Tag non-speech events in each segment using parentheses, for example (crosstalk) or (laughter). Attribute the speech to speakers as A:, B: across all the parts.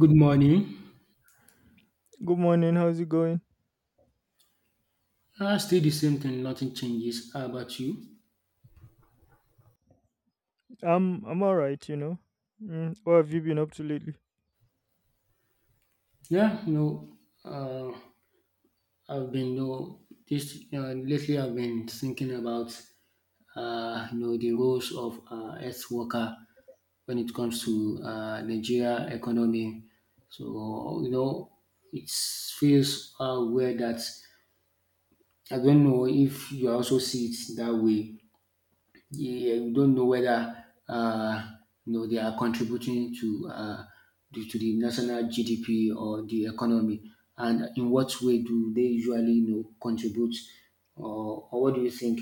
A: Good morning.
B: Good morning. How's it going?
A: Still the same thing, nothing changes. How about you?
B: I'm all right, you know. What have you been up to lately?
A: Yeah, no. Uh, I've been no this Lately, I've been thinking about you know, the roles of earth worker when it comes to Nigeria economy. So, you know, it feels weird that I don't know if you also see it that way. Yeah, we don't know whether you know, they are contributing to to the national GDP or the economy, and in what way do they usually, you know, contribute, or what do you think?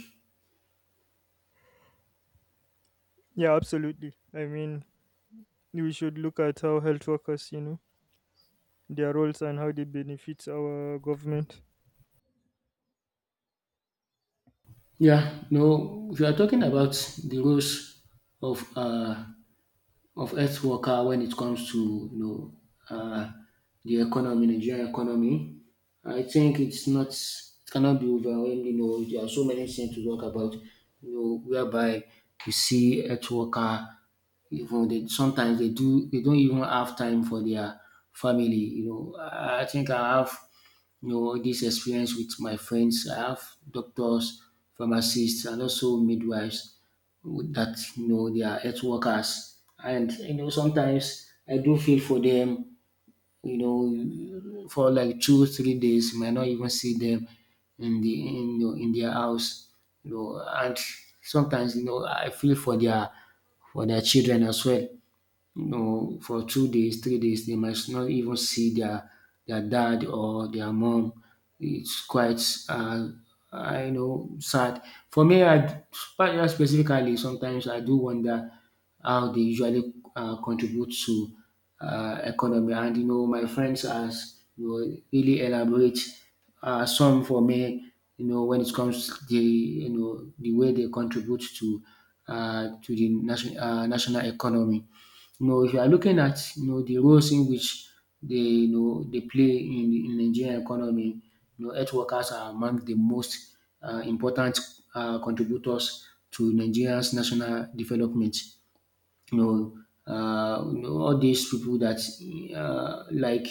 B: Yeah, absolutely. I mean, we should look at how health workers, their roles and how they benefit our government.
A: Yeah, no, if you are talking about the roles of uh, of health worker when it comes to, you know, uh, the economy, Nigerian economy. I think it cannot be overwhelmed. You know, there are so many things to talk about. You know, whereby you see health worker, even they sometimes they do they don't even have time for their family. You know, I think I have, you know, this experience with my friends. I have doctors, pharmacists, and also midwives that, you know, they are health workers, and you know, sometimes I do feel for them, you know, for like 2 3 days you might not even see them you know, in their house, you know. And sometimes, you know, I feel for their, for their children as well, you know, for 2 days, 3 days, they might not even see their dad or their mom. It's quite, uh, I know, sad. For me, I specifically, sometimes I do wonder how they usually contribute to economy. And you know, my friends has, you know, really elaborate some for me. You know, when it comes to the, you know, the way they contribute to the national national economy. You know, if you are looking at, you know, the roles in which they, you know, they play in the in Nigerian economy, you know, health workers are among the most important contributors to Nigeria's national development. You know, you know, all these people that like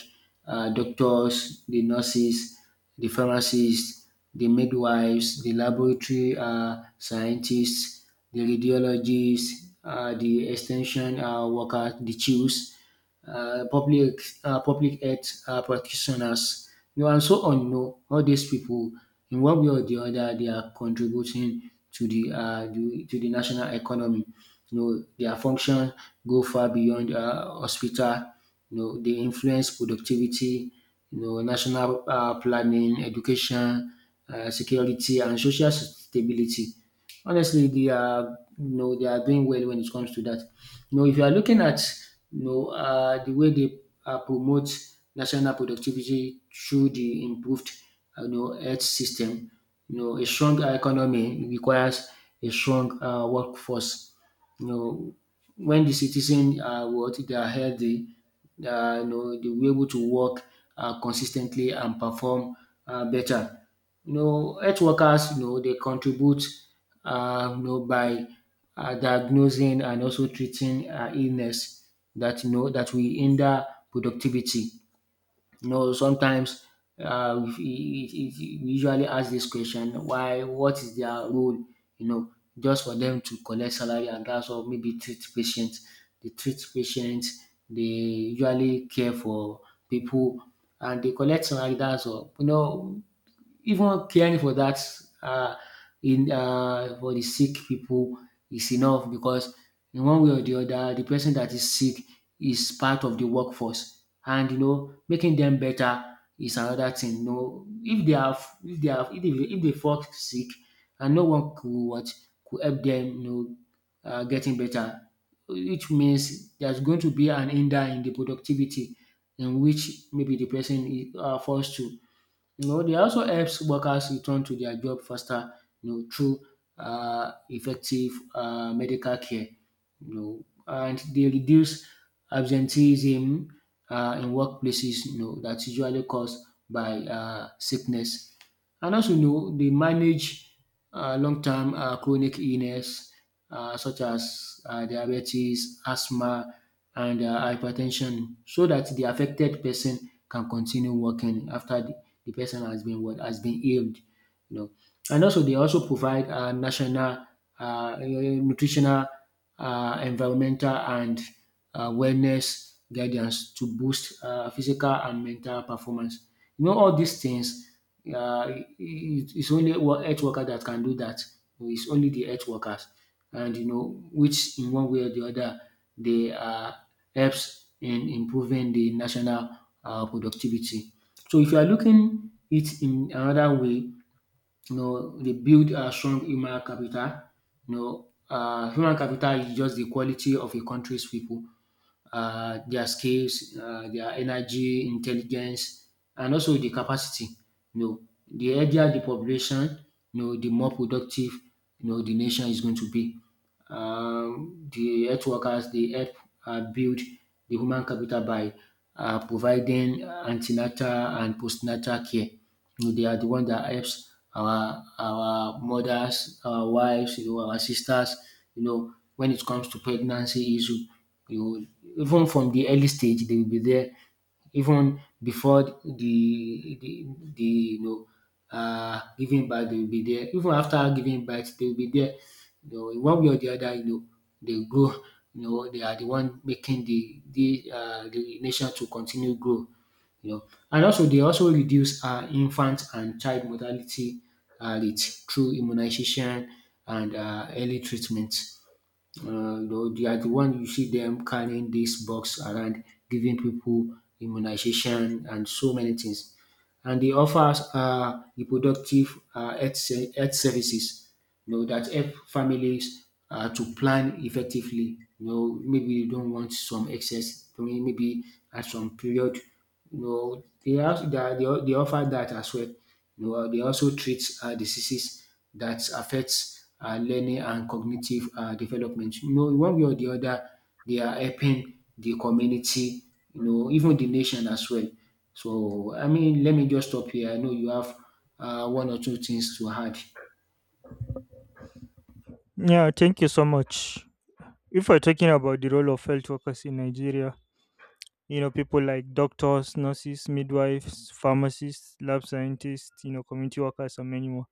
A: doctors, the nurses, the pharmacists, the midwives, the laboratory scientists, the radiologists, the extension workers, the chiefs, public, public health practitioners, you know, and so on. You know, all these people, in one way or the other, they are contributing to to the national economy. You know, their function go far beyond hospital. You know, they influence productivity. You know, national planning, education, security, and social stability. Honestly, they are, you know, they are doing well when it comes to that. You know, if you are looking at, you know, the way they promote national productivity through the improved you know, health system, you know, a strong economy requires a strong workforce. You know, when the citizens are what they are healthy, you know, they will be able to work consistently and perform better. You know, health workers, you know, they contribute, you know, by diagnosing and also treating illness that, you know, that we hinder productivity. You know, sometimes, uh, we, we we usually ask this question: why? What is their role? You know, just for them to collect salary and that's all. Maybe treat patients. They treat patients. They usually care for people and they collect salary. That's all. You know, even caring for that, uh, in for the sick people is enough, because in one way or the other, the person that is sick is part of the workforce, and you know, making them better is another thing. You know, if they are if they are if they fall sick and no one could what could help them, you know, getting better, which means there's going to be an hinder in the productivity in which maybe the person is, falls to. You know, they also helps workers return to their job faster, you know, through effective medical care, you know, and they reduce absenteeism in workplaces, you know, that's usually caused by sickness. And also, you know, they manage long term chronic illness such as diabetes, asthma, and hypertension, so that the affected person can continue working after the person has been what has been healed. You know. And also, they also provide national nutritional, environmental and wellness guidance to boost physical and mental performance. You know, all these things, uh, it, it's only health worker that can do that. It's only the health workers, and you know, which in one way or the other, they helps in improving the national productivity. So if you are looking it in another way, you know, they build a strong human capital. You know, human capital is just the quality of a country's people, their skills, their energy, intelligence, and also the capacity. You know, the healthier the population, you know, the more productive, you know, the nation is going to be. The health workers, they help build the human capital by providing antenatal and postnatal care. You know, they are the one that helps our mothers, our wives, you know, our sisters, you know, when it comes to pregnancy issue, you know, even from the early stage they will be there, even before the you know, giving birth they will be there, even after giving birth they will be there. You know, in one way or the other, you know, they grow. You know, they are the one making the nation to continue grow, you know. And also, they also reduce infant and child mortality rate through immunization and early treatment. Though they are the one, you see them carrying this box around, giving people immunization and so many things. And they offer reproductive health services, you know, that help families to plan effectively. You know, maybe you don't want some excess, I mean, maybe at some period, you know, they, have, they, are- they offer that as well. You know, they also treat diseases that affects learning and cognitive development. You know, one way or the other, they are helping the community, you know, even the nation as well. So, I mean, let me just stop here. I know you have one or two things to add.
B: Yeah, thank you so much. If we're talking about the role of health workers in Nigeria, people like doctors, nurses, midwives, pharmacists, lab scientists, community workers, and many more,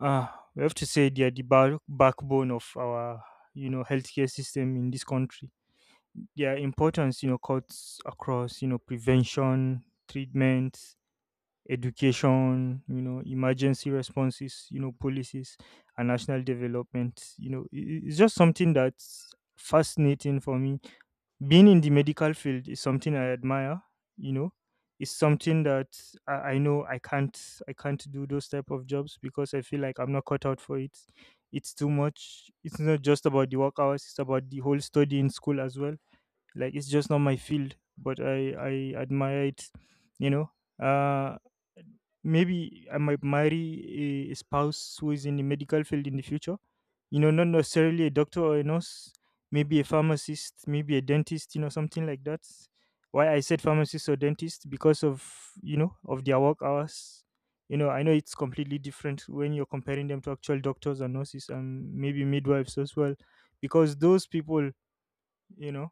B: uh, we have to say they are the backbone of our healthcare system in this country. Their importance, cuts across, prevention, treatment, education, emergency responses, policies, and national development. It's just something that's fascinating for me. Being in the medical field is something I admire. You know, it's something that I know I can't do those type of jobs because I feel like I'm not cut out for it. It's too much. It's not just about the work hours. It's about the whole study in school as well, like, it's just not my field, but I admire it. you know uh Maybe I might marry a spouse who is in the medical field in the future, not necessarily a doctor or a nurse, maybe a pharmacist, maybe a dentist, something like that. Why I said pharmacist or dentist? Because of, of their work hours. I know it's completely different when you're comparing them to actual doctors and nurses, and maybe midwives as well, because those people, you know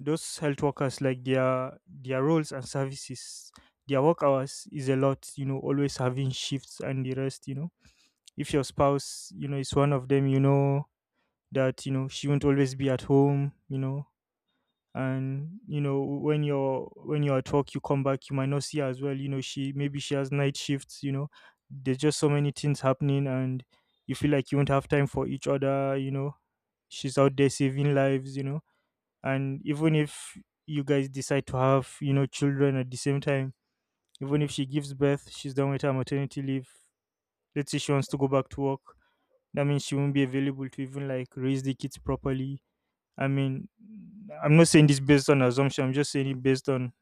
B: those health workers, like, their roles and services, their work hours is a lot, always having shifts and the rest. If your spouse, is one of them, that, she won't always be at home. And, when you're at work, you come back, you might not see her as well. She, maybe she has night shifts. There's just so many things happening, and you feel like you won't have time for each other. She's out there saving lives. And even if you guys decide to have, children at the same time, even if she gives birth, she's done with her maternity leave. Let's say she wants to go back to work, that means she won't be available to even like raise the kids properly. I mean, I'm not saying this based on assumption, I'm just saying it based on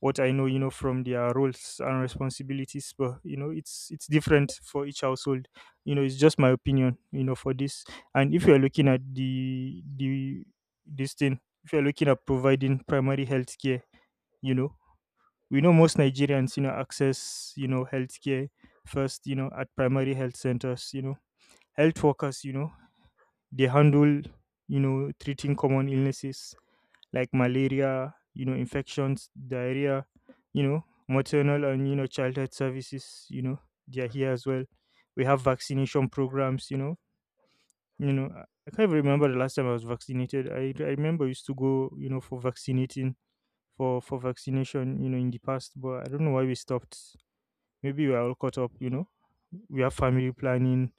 B: what I know, from their roles and responsibilities. But, it's different for each household. It's just my opinion. For this, and if you are looking at the this thing, if you are looking at providing primary health care, you know, we know most Nigerians, access healthcare first, at primary health centers. Health workers, they handle treating common illnesses like malaria, infections, diarrhea, maternal and, childhood services, they are here as well. We have vaccination programs. I can't even remember the last time I was vaccinated. I remember I used to go, for vaccinating, for vaccination, in the past, but I don't know why we stopped. Maybe we are all caught up, you know. We have family planning,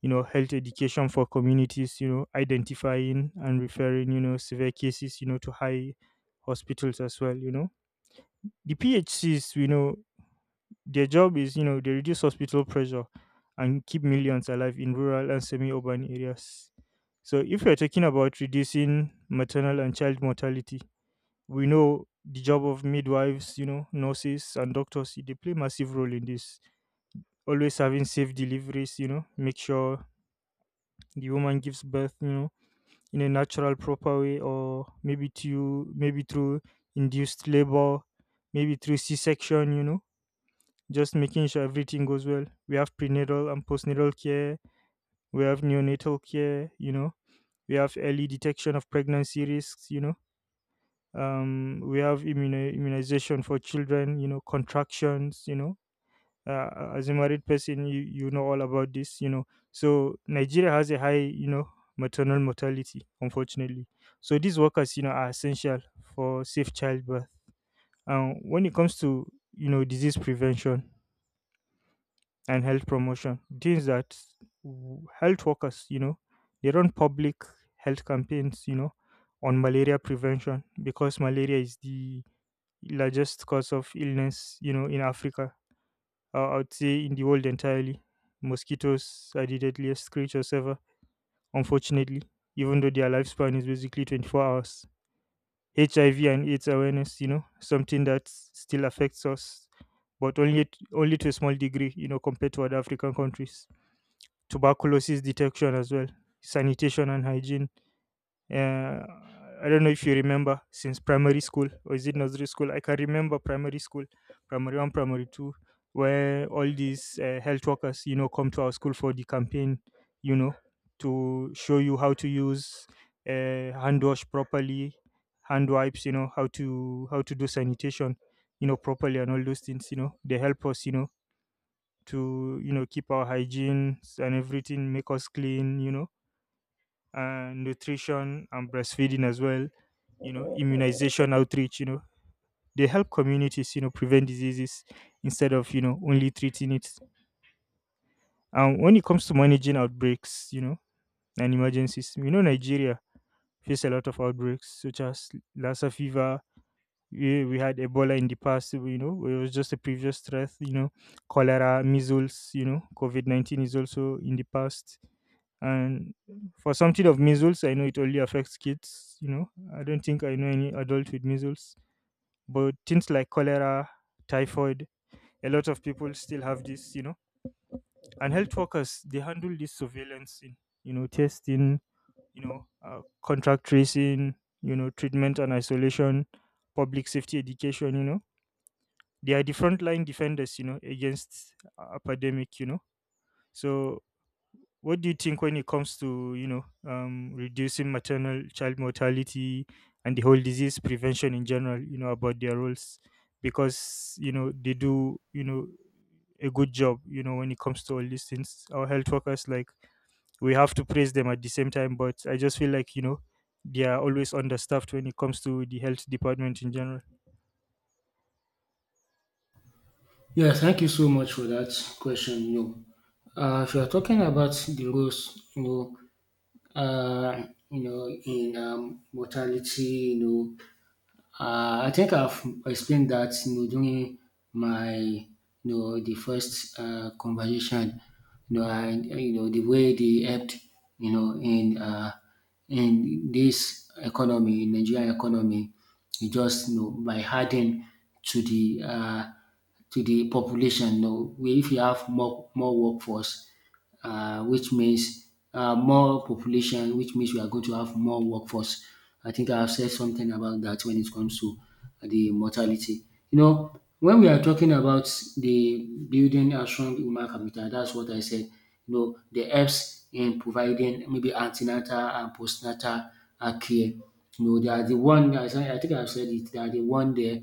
B: health education for communities, identifying and referring, severe cases, to high hospitals as well, you know. The PHCs, their job is, they reduce hospital pressure and keep millions alive in rural and semi urban areas. So if we are talking about reducing maternal and child mortality, we know the job of midwives, nurses and doctors, they play massive role in this, always having safe deliveries. Make sure the woman gives birth, in a natural proper way, or maybe to maybe through induced labor, maybe through c-section. Just making sure everything goes well. We have prenatal and postnatal care, we have neonatal care. We have early detection of pregnancy risks. We have immunization for children, contractions. As a married person, you know all about this. So Nigeria has a high, maternal mortality, unfortunately. So these workers, are essential for safe childbirth. And when it comes to, disease prevention and health promotion, things that health workers, they run public health campaigns, on malaria prevention, because malaria is the largest cause of illness, in Africa. I would say in the world entirely. Mosquitoes are the deadliest creatures ever, unfortunately, even though their lifespan is basically 24 hours. HIV and AIDS awareness, something that still affects us, but only only to a small degree, compared to other African countries. Tuberculosis detection as well, sanitation and hygiene. uh, I don't know if you remember, since primary school, or is it nursery school? I can remember primary school, primary one, primary two, where all these, health workers, come to our school for the campaign, you know, to show you how to use, hand wash properly, hand wipes, how to do sanitation, properly, and all those things, they help us, to keep our hygiene and everything, make us clean. And nutrition and breastfeeding as well. Immunization outreach. They help communities, prevent diseases instead of, only treating it. And when it comes to managing outbreaks, and emergencies, Nigeria face a lot of outbreaks such as Lassa fever. We had Ebola in the past, it was just a previous threat. Cholera, measles, COVID-19 is also in the past. And for something of measles, I know it only affects kids. You know, I don't think I know any adult with measles. But things like cholera, typhoid, a lot of people still have this. And health workers, they handle this surveillance in, testing, contract tracing, treatment and isolation, public safety education. They are the frontline defenders, against, epidemic. So what do you think when it comes to, reducing maternal child mortality and the whole disease prevention in general, about their roles? Because, they do, a good job, when it comes to all these things. Our health workers, like, we have to praise them at the same time. But I just feel like, they are always understaffed when it comes to the health department in general.
A: Yeah, thank you so much for that question. You know, if you are talking about the roles, you know, in mortality, you know, I think I've explained that, you know, during my the first conversation. You know, I, you know, the way they helped, you know, in this economy, in Nigerian economy, it just, you know, by adding to the uh, to the population. You know, where if you have more workforce, which means more population, which means we are going to have more workforce. I think I have said something about that when it comes to the mortality. You know, when we are talking about the building a strong human capital, that's what I said. You know, the helps in providing maybe antenatal and postnatal care. You know, they are the one, as I think I've said it, they are the one there,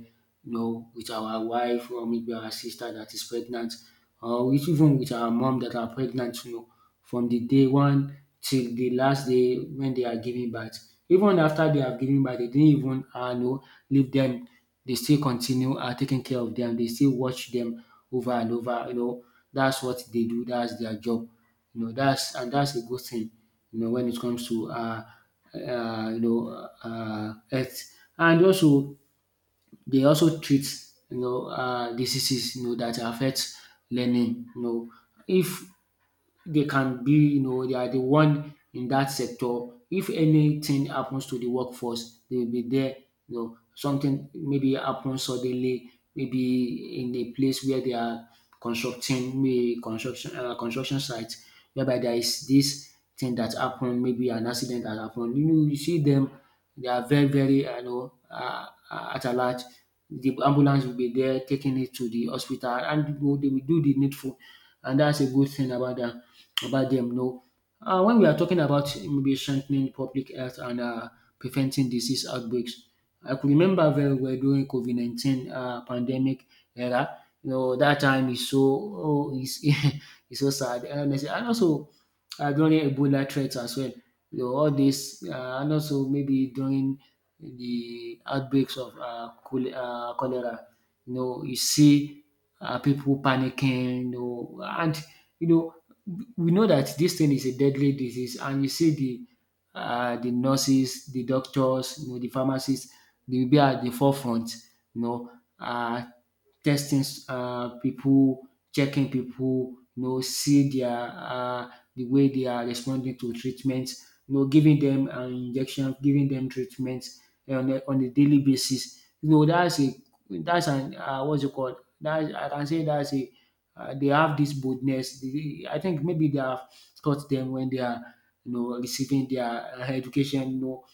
A: you know, with our wife or maybe our sister that is pregnant, or even with our mom that are pregnant, you know, from the day one till the last day when they are giving birth. Even after they have given birth, they didn't even know, leave them. They still continue taking care of them. They still watch them over and over. You know, that's what they do. That's their job. You know, that's and that's a good thing. You know, when it comes to you know, health. And also, they also treat, you know, diseases, you know, that affect learning, you know. If they can be, you know, they are the one in that sector. If anything happens to the workforce, they will be there. You know, something maybe happens suddenly, maybe in a place where they are constructing, maybe construction construction site, whereby there is this thing that happened, maybe an accident that happened. You know, you see them, they are very, very, at alert. The ambulance will be there taking it to the hospital, and you know, they will do the needful, and that's a good thing about them. No. When we are talking about maybe strengthening public health and preventing disease outbreaks, I could remember very well during COVID-19 pandemic era. You know that time is so oh, is (laughs) so sad. Honestly. And also during Ebola threats as well. You know all this and also maybe during the outbreaks of cholera. You know you see people panicking. You know, and you know we know that this thing is a deadly disease, and you see the nurses, the doctors, you know, the pharmacists, they will be at the forefront, you know, uh, testing people, checking people, you know, see their the way they are responding to treatment, you know, giving them an injection, giving them treatment on a daily basis. You know, that's a that's an what's it called? That's I can say that's a they have this boldness. They, I think maybe they have taught them when they are, you know, receiving their education. You know,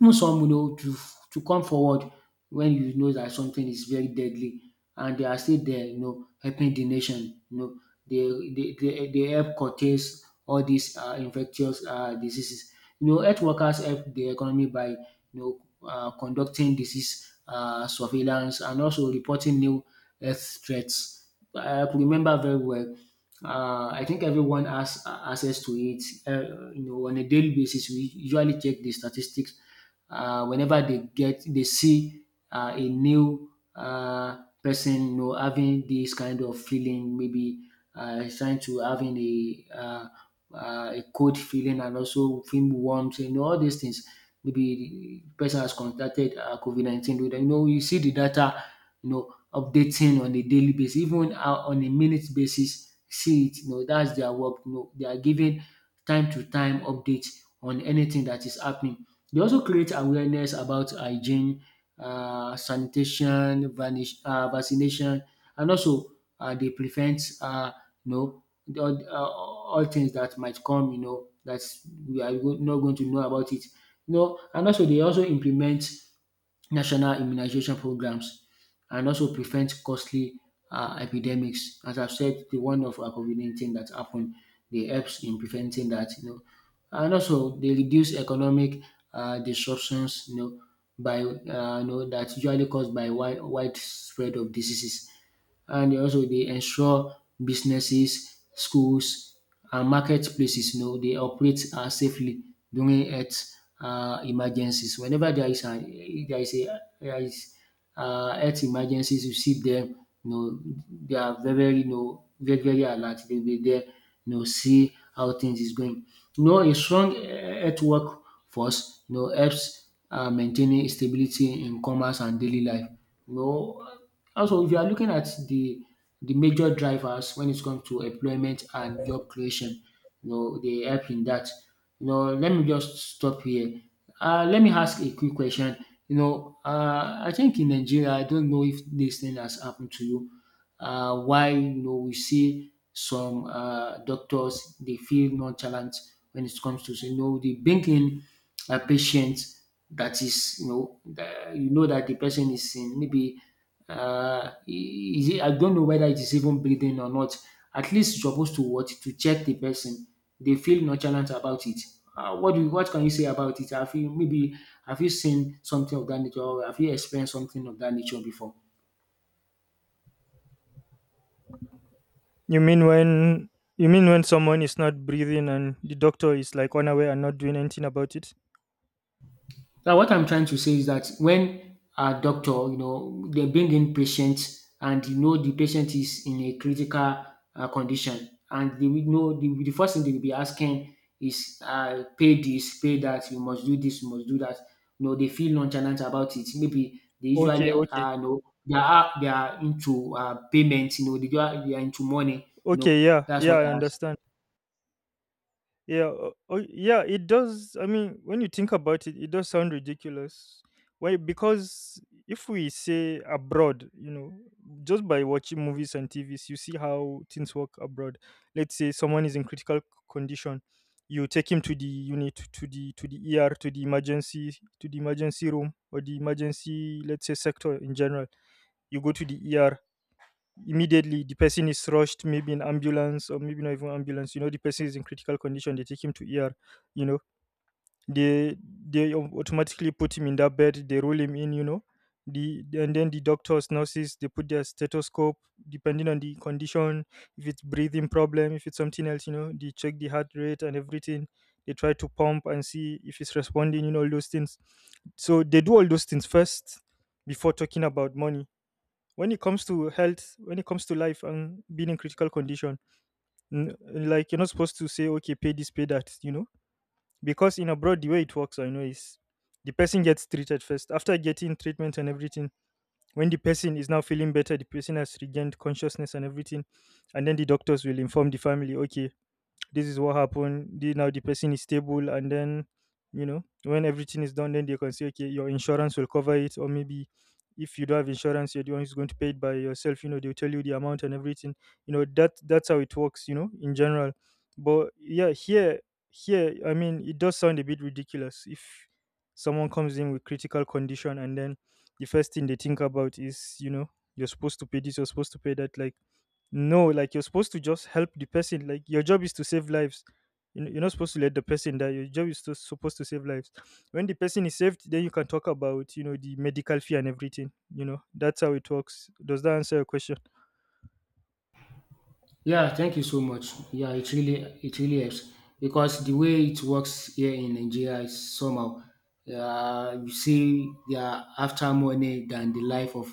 A: even some you know to come forward when you know that something is very deadly, and they are still there, you know, helping the nation. You know they help curtail all these infectious diseases. You know, health workers help the economy by know conducting disease surveillance and also reporting new health threats. I could remember very well. I think everyone has access to it. You know, on a daily basis we usually check the statistics whenever they see a new person, you know, having this kind of feeling. Maybe he's trying to having a cold feeling and also feel warm, you know, all these things. Maybe the person has contracted COVID-19. You know, you see the data, you know, updating on a daily basis, even on a minute basis, see it. You know, that's their work. You know, they are giving time to time updates on anything that is happening. They also create awareness about hygiene, sanitation, vanish vaccination, and also they prevent you know, all things that might come, you know, that not going to know about it. You know, and also they also implement national immunization programs and also prevent costly epidemics. As I've said, the one of COVID-19 dat happened, they helps in preventing that, you know. And also they reduce economic disruptions, you know, by that's usually caused by widespread of diseases. And also they ensure businesses, schools, and marketplaces, you know, they operate safely during health emergencies. Whenever there is an there is a there is health emergencies, you see them. You know, they are very very you know, very, very alert. They will be there, you know, see how things is going. You know, a strong health workforce, you know, helps maintaining stability in commerce and daily life, you know. Also, if you are looking at the major drivers when it comes to employment and job creation, you know, they help in that. You know, let me just stop here. Let me ask a quick question. You know, I think in Nigeria, I don't know if this thing has happened to you. Why, you know, we see some doctors they feel nonchalant when it comes to, you know, they bring in a patient that is, you know, that the person is in maybe is it, I don't know whether it is even breathing or not. At least you're supposed to what to check the person. They feel nonchalant about it. What can you say about it? Have you maybe have you seen something of that nature, or have you experienced something of that nature before?
B: You mean when you mean when someone is not breathing and the doctor is like unaware and not doing anything about it?
A: Now, what I'm trying to say is that when a doctor, you know, they bring in patients and you know the patient is in a critical condition, and they will know the first thing they will be asking is, pay this, pay that, you must do this, you must do that. You know, they feel nonchalant about it. Maybe they usually,
B: Okay, okay.
A: you know, they are into payments. You know, they are into money. You know,
B: Okay, yeah,
A: that's
B: yeah,
A: what
B: I
A: I
B: understand. Yeah, oh, yeah, it does. I mean, when you think about it, it does sound ridiculous. Why? Because if we say abroad, just by watching movies and TVs, you see how things work abroad. Let's say someone is in critical condition, you take him to the unit, to the ER, to the emergency room, or the emergency, let's say, sector in general. You go to the ER immediately. The person is rushed, maybe in ambulance or maybe not even ambulance. The person is in critical condition, they take him to ER. you know they they automatically put him in that bed, they roll him in. You know the And then the doctors, nurses, they put their stethoscope, depending on the condition. If it's breathing problem, if it's something else, they check the heart rate and everything. They try to pump and see if it's responding, all those things. So they do all those things first, before talking about money. When it comes to health, when it comes to life and being in critical condition, like, you're not supposed to say okay, pay this, pay that. Because in abroad, the way it works, I know, is the person gets treated first. After getting treatment and everything, when the person is now feeling better, the person has regained consciousness and everything, and then the doctors will inform the family, okay, this is what happened. Now the person is stable, and then, you know, when everything is done, then they can say, okay, your insurance will cover it. Or maybe if you don't have insurance, you're the one who's going to pay it by yourself. You know, they'll tell you the amount and everything. You know that's how it works. You know, in general. But yeah, here, I mean, it does sound a bit ridiculous if someone comes in with critical condition, and then the first thing they think about is, you know, you're supposed to pay this, you're supposed to pay that. Like no, like you're supposed to just help the person. Like your job is to save lives. You know- You're not supposed to let the person die. Your job is to, supposed to save lives. When the person is saved, then you can talk about, you know, the medical fee and everything. You know that's how it works. Does that answer your question?
A: Yeah, thank you so much. Yeah, it really helps because the way it works here in Nigeria is somehow you see they are after money than the life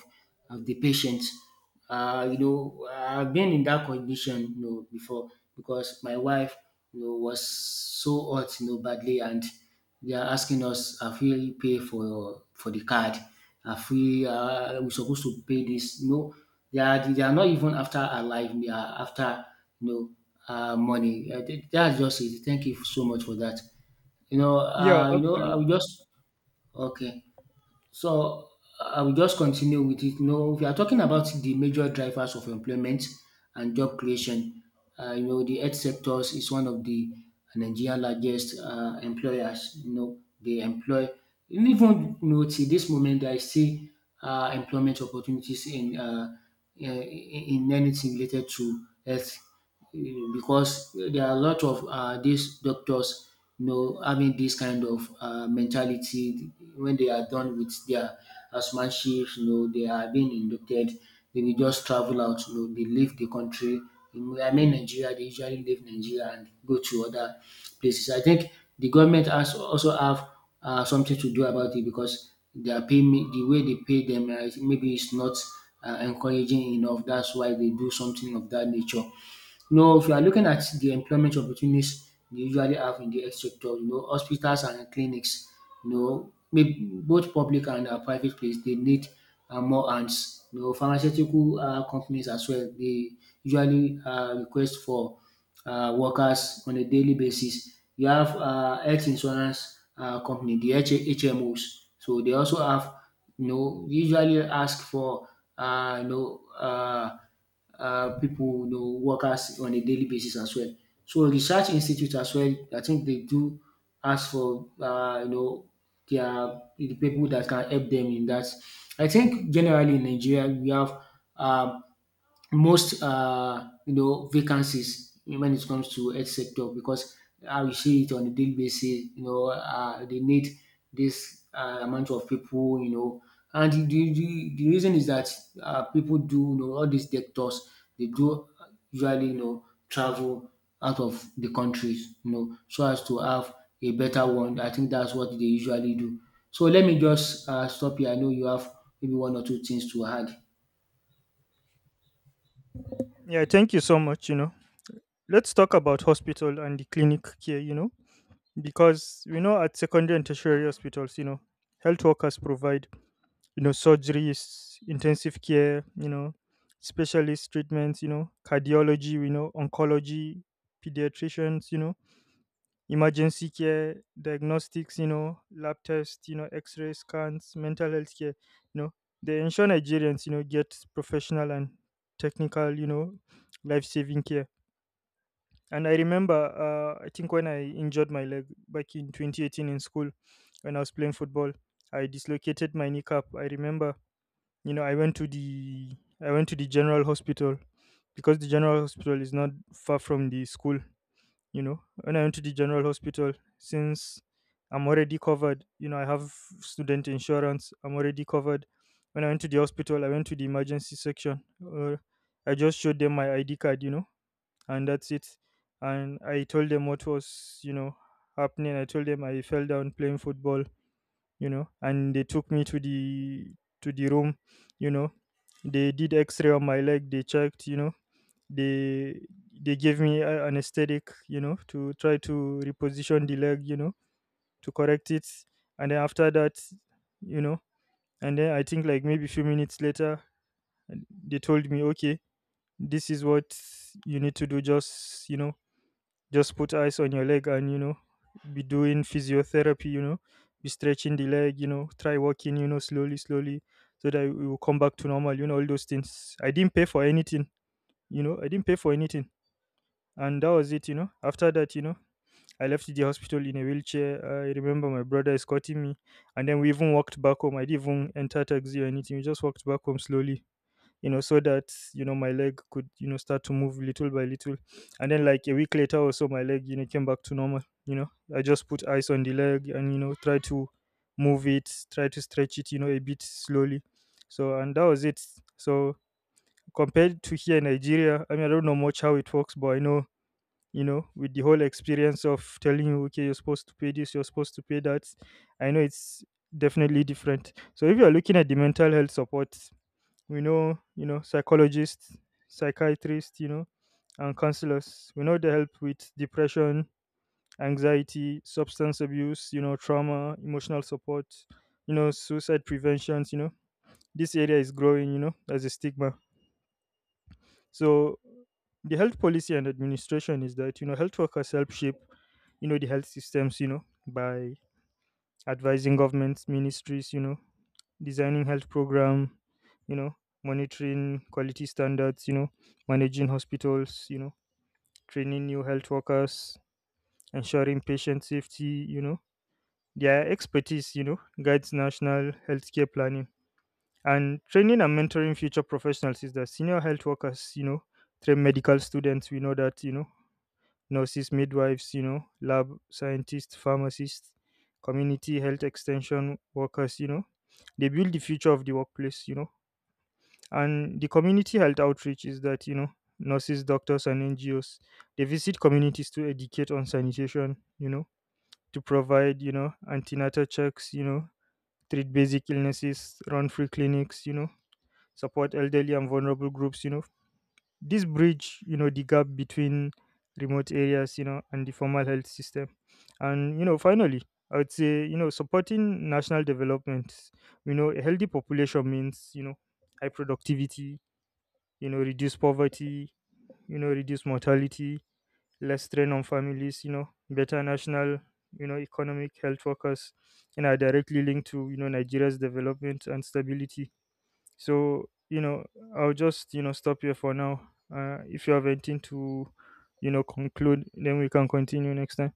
A: of the patient. You know, I've been in that condition you know before because my wife you know was so hurt you know badly and they are asking us, have we paid for the card? Have we supposed to pay this? No, they are not even after our life. They are after you know money. Th- that's just it. Thank you so much for that.
B: Yeah,
A: You know, I will
B: absolutely.
A: just okay. So I will just continue with it. You We are talking about the major drivers of employment and job creation. You know, the health sectors is one of the Nigerian largest employers. You know, they employ, even you know, till this moment I see employment opportunities in in anything related to health, because there are a lot of these doctors, you know, having this kind of mentality. When they are done with their housemanship, you know, they are being inducted, they will just travel out, you know, they leave the country. I mean, Nigeria, they usually leave Nigeria and go to other places. I think the government has also have something to do about it, because their the way they pay them, maybe it's not encouraging enough, that's why they do something of that nature. No, if you are looking at the employment opportunities they usually have in the health sector, you know, hospitals and clinics, you know, maybe both public and private place, they need more hands. You know, pharmaceutical companies as well, they usually request for workers on a daily basis. You have health insurance company, the HMOs, so they also have, you know, usually ask for, uh, you know, uh, people, you know, workers on a daily basis as well. So research institute as well, I think they do ask for, you know, the people that can help them in that. I think generally in Nigeria we have um, most you know, vacancies when it comes to health sector, because how we see it on a daily basis, you know, they need this amount of people, you know. And the reason is that people do, you know, all these doctors, they do usually, you know, travel out of the countries, you know, so as to have a better one. I think that's what they usually do. So let me just stop here. I know you have maybe one or two things to add.
B: Yeah, thank you so much. You know, let's talk about hospital and the clinic care. You know, because we know at secondary and tertiary hospitals, you know, health workers provide, you know, surgeries, intensive care, you know, specialist treatments, you know, cardiology, you know, oncology, pediatricians, you know, emergency care, diagnostics, you know, lab tests, you know, x-ray scans, mental health care, you know. They ensure Nigerians, you know, get professional and technical, you know, life-saving care. And I remember, I think when I injured my leg back in 2018 in school when I was playing football. I dislocated my kneecap. I remember, you know, I went to the general hospital, because the general hospital is not far from the school. You know, when I went to the general hospital, since I'm already covered, you know, I have student insurance, I'm already covered. When I went to the hospital, I went to the emergency section. uh, I just showed them my ID card, you know, and that's it. And I told them what was, you know, happening. I told them I fell down playing football. You know, and they took me to the room. You know, they did x-ray on my leg. They checked, you know, they they gave me anesthetic, you know, to try to reposition the leg, you know, to correct it. And then after that, you know, and then I think like maybe a few minutes later, they told me, okay, this is what you need to do. Just, you know, just put ice on your leg, and, you know, be doing physiotherapy, you know, be stretching the leg, you know, try walking, you know, slowly slowly, so that you will come back to normal. You know, all those things, I didn't pay for anything. I didn't pay for anything. And that was it. You know, after that, you know, I left the hospital in a wheelchair. I remember my brother escorting me, and then we even walked back home. I didn't even enter taxi or anything. We just walked back home slowly, you know, so that, you know, my leg could, you know, start to move little by little. And then like a week later or so, my leg, you know, came back to normal. You know, I just put ice on the leg, and, you know, try to move it, try to stretch it, you know, a bit slowly. So, and that was it. So, compared to here in Nigeria, I mean, I don't know much how it works, but I know, you know, with the whole experience of telling you, okay, you're supposed to pay this, you're supposed to pay that, I know it's definitely different. So, if you're looking at the mental health support, we know, you know, psychologists, psychiatrists, you know, and counselors. We know they help with depression, anxiety, substance abuse, you know, trauma, emotional support, you know, suicide preventions, you know. This area is growing, you know, as a stigma. So the health policy and administration is that, you know, health workers help shape, you know, the health systems, you know, by advising governments, ministries, you know, designing health program, you know, monitoring quality standards, you know, managing hospitals, you know, training new health workers, ensuring patient safety, you know. Their expertise, you know, guides national healthcare planning. And training and mentoring future professionals is that senior health workers, you know, train medical students, we know that, you know, nurses, midwives, you know, lab scientists, pharmacists, community health extension workers, you know, they build the future of the workplace, you know. And the community health outreach is that, you know, nurses, doctors, and NGOs, they visit communities to educate on sanitation, you know, to provide, you know, antenatal checks, you know, treat basic illnesses, run free clinics, you know, support elderly and vulnerable groups, you know. This bridge, you know, the gap between remote areas, you know, and the formal health system. And, you know, finally, I would say, you know, supporting national development, you know, a healthy population means, you know, high productivity, you know, reduce poverty, you know, reduce mortality, less strain on families, you know, better national, you know, economic health workers, and are directly linked to, you know, Nigeria's development and stability. So, you know, I'll just, you know, stop here for now. If you have anything to, you know, conclude, then we can continue next time.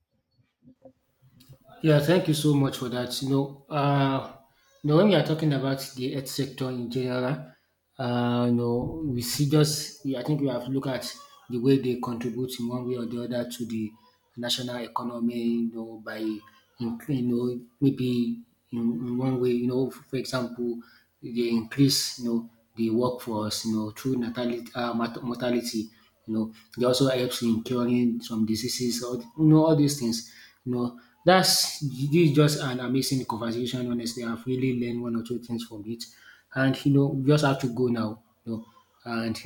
A: Yeah, thank you so much for that. You know, when we are talking about the health sector in general, you know, we see just, I think we have to look at the way they contribute in one way or the other to the national economy, you know, by, in, you know, maybe in one way, you know, for example, they increase, you know, the workforce, you know, through natality, mortality, you know. It also helps in curing some diseases, all, you know, all these things, you know. That's this is just an amazing conversation, honestly. I've really learned one or two things from it. And, you know, we just have to go now, you know. And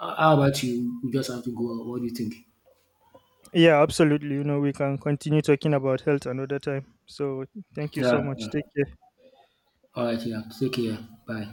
A: how about you? We just have to go. What do you think?
B: Yeah, absolutely. You know, we can continue talking about health another time. So thank you
A: Yeah,
B: so much.
A: yeah.
B: Take care.
A: All right, yeah. Take care. Bye.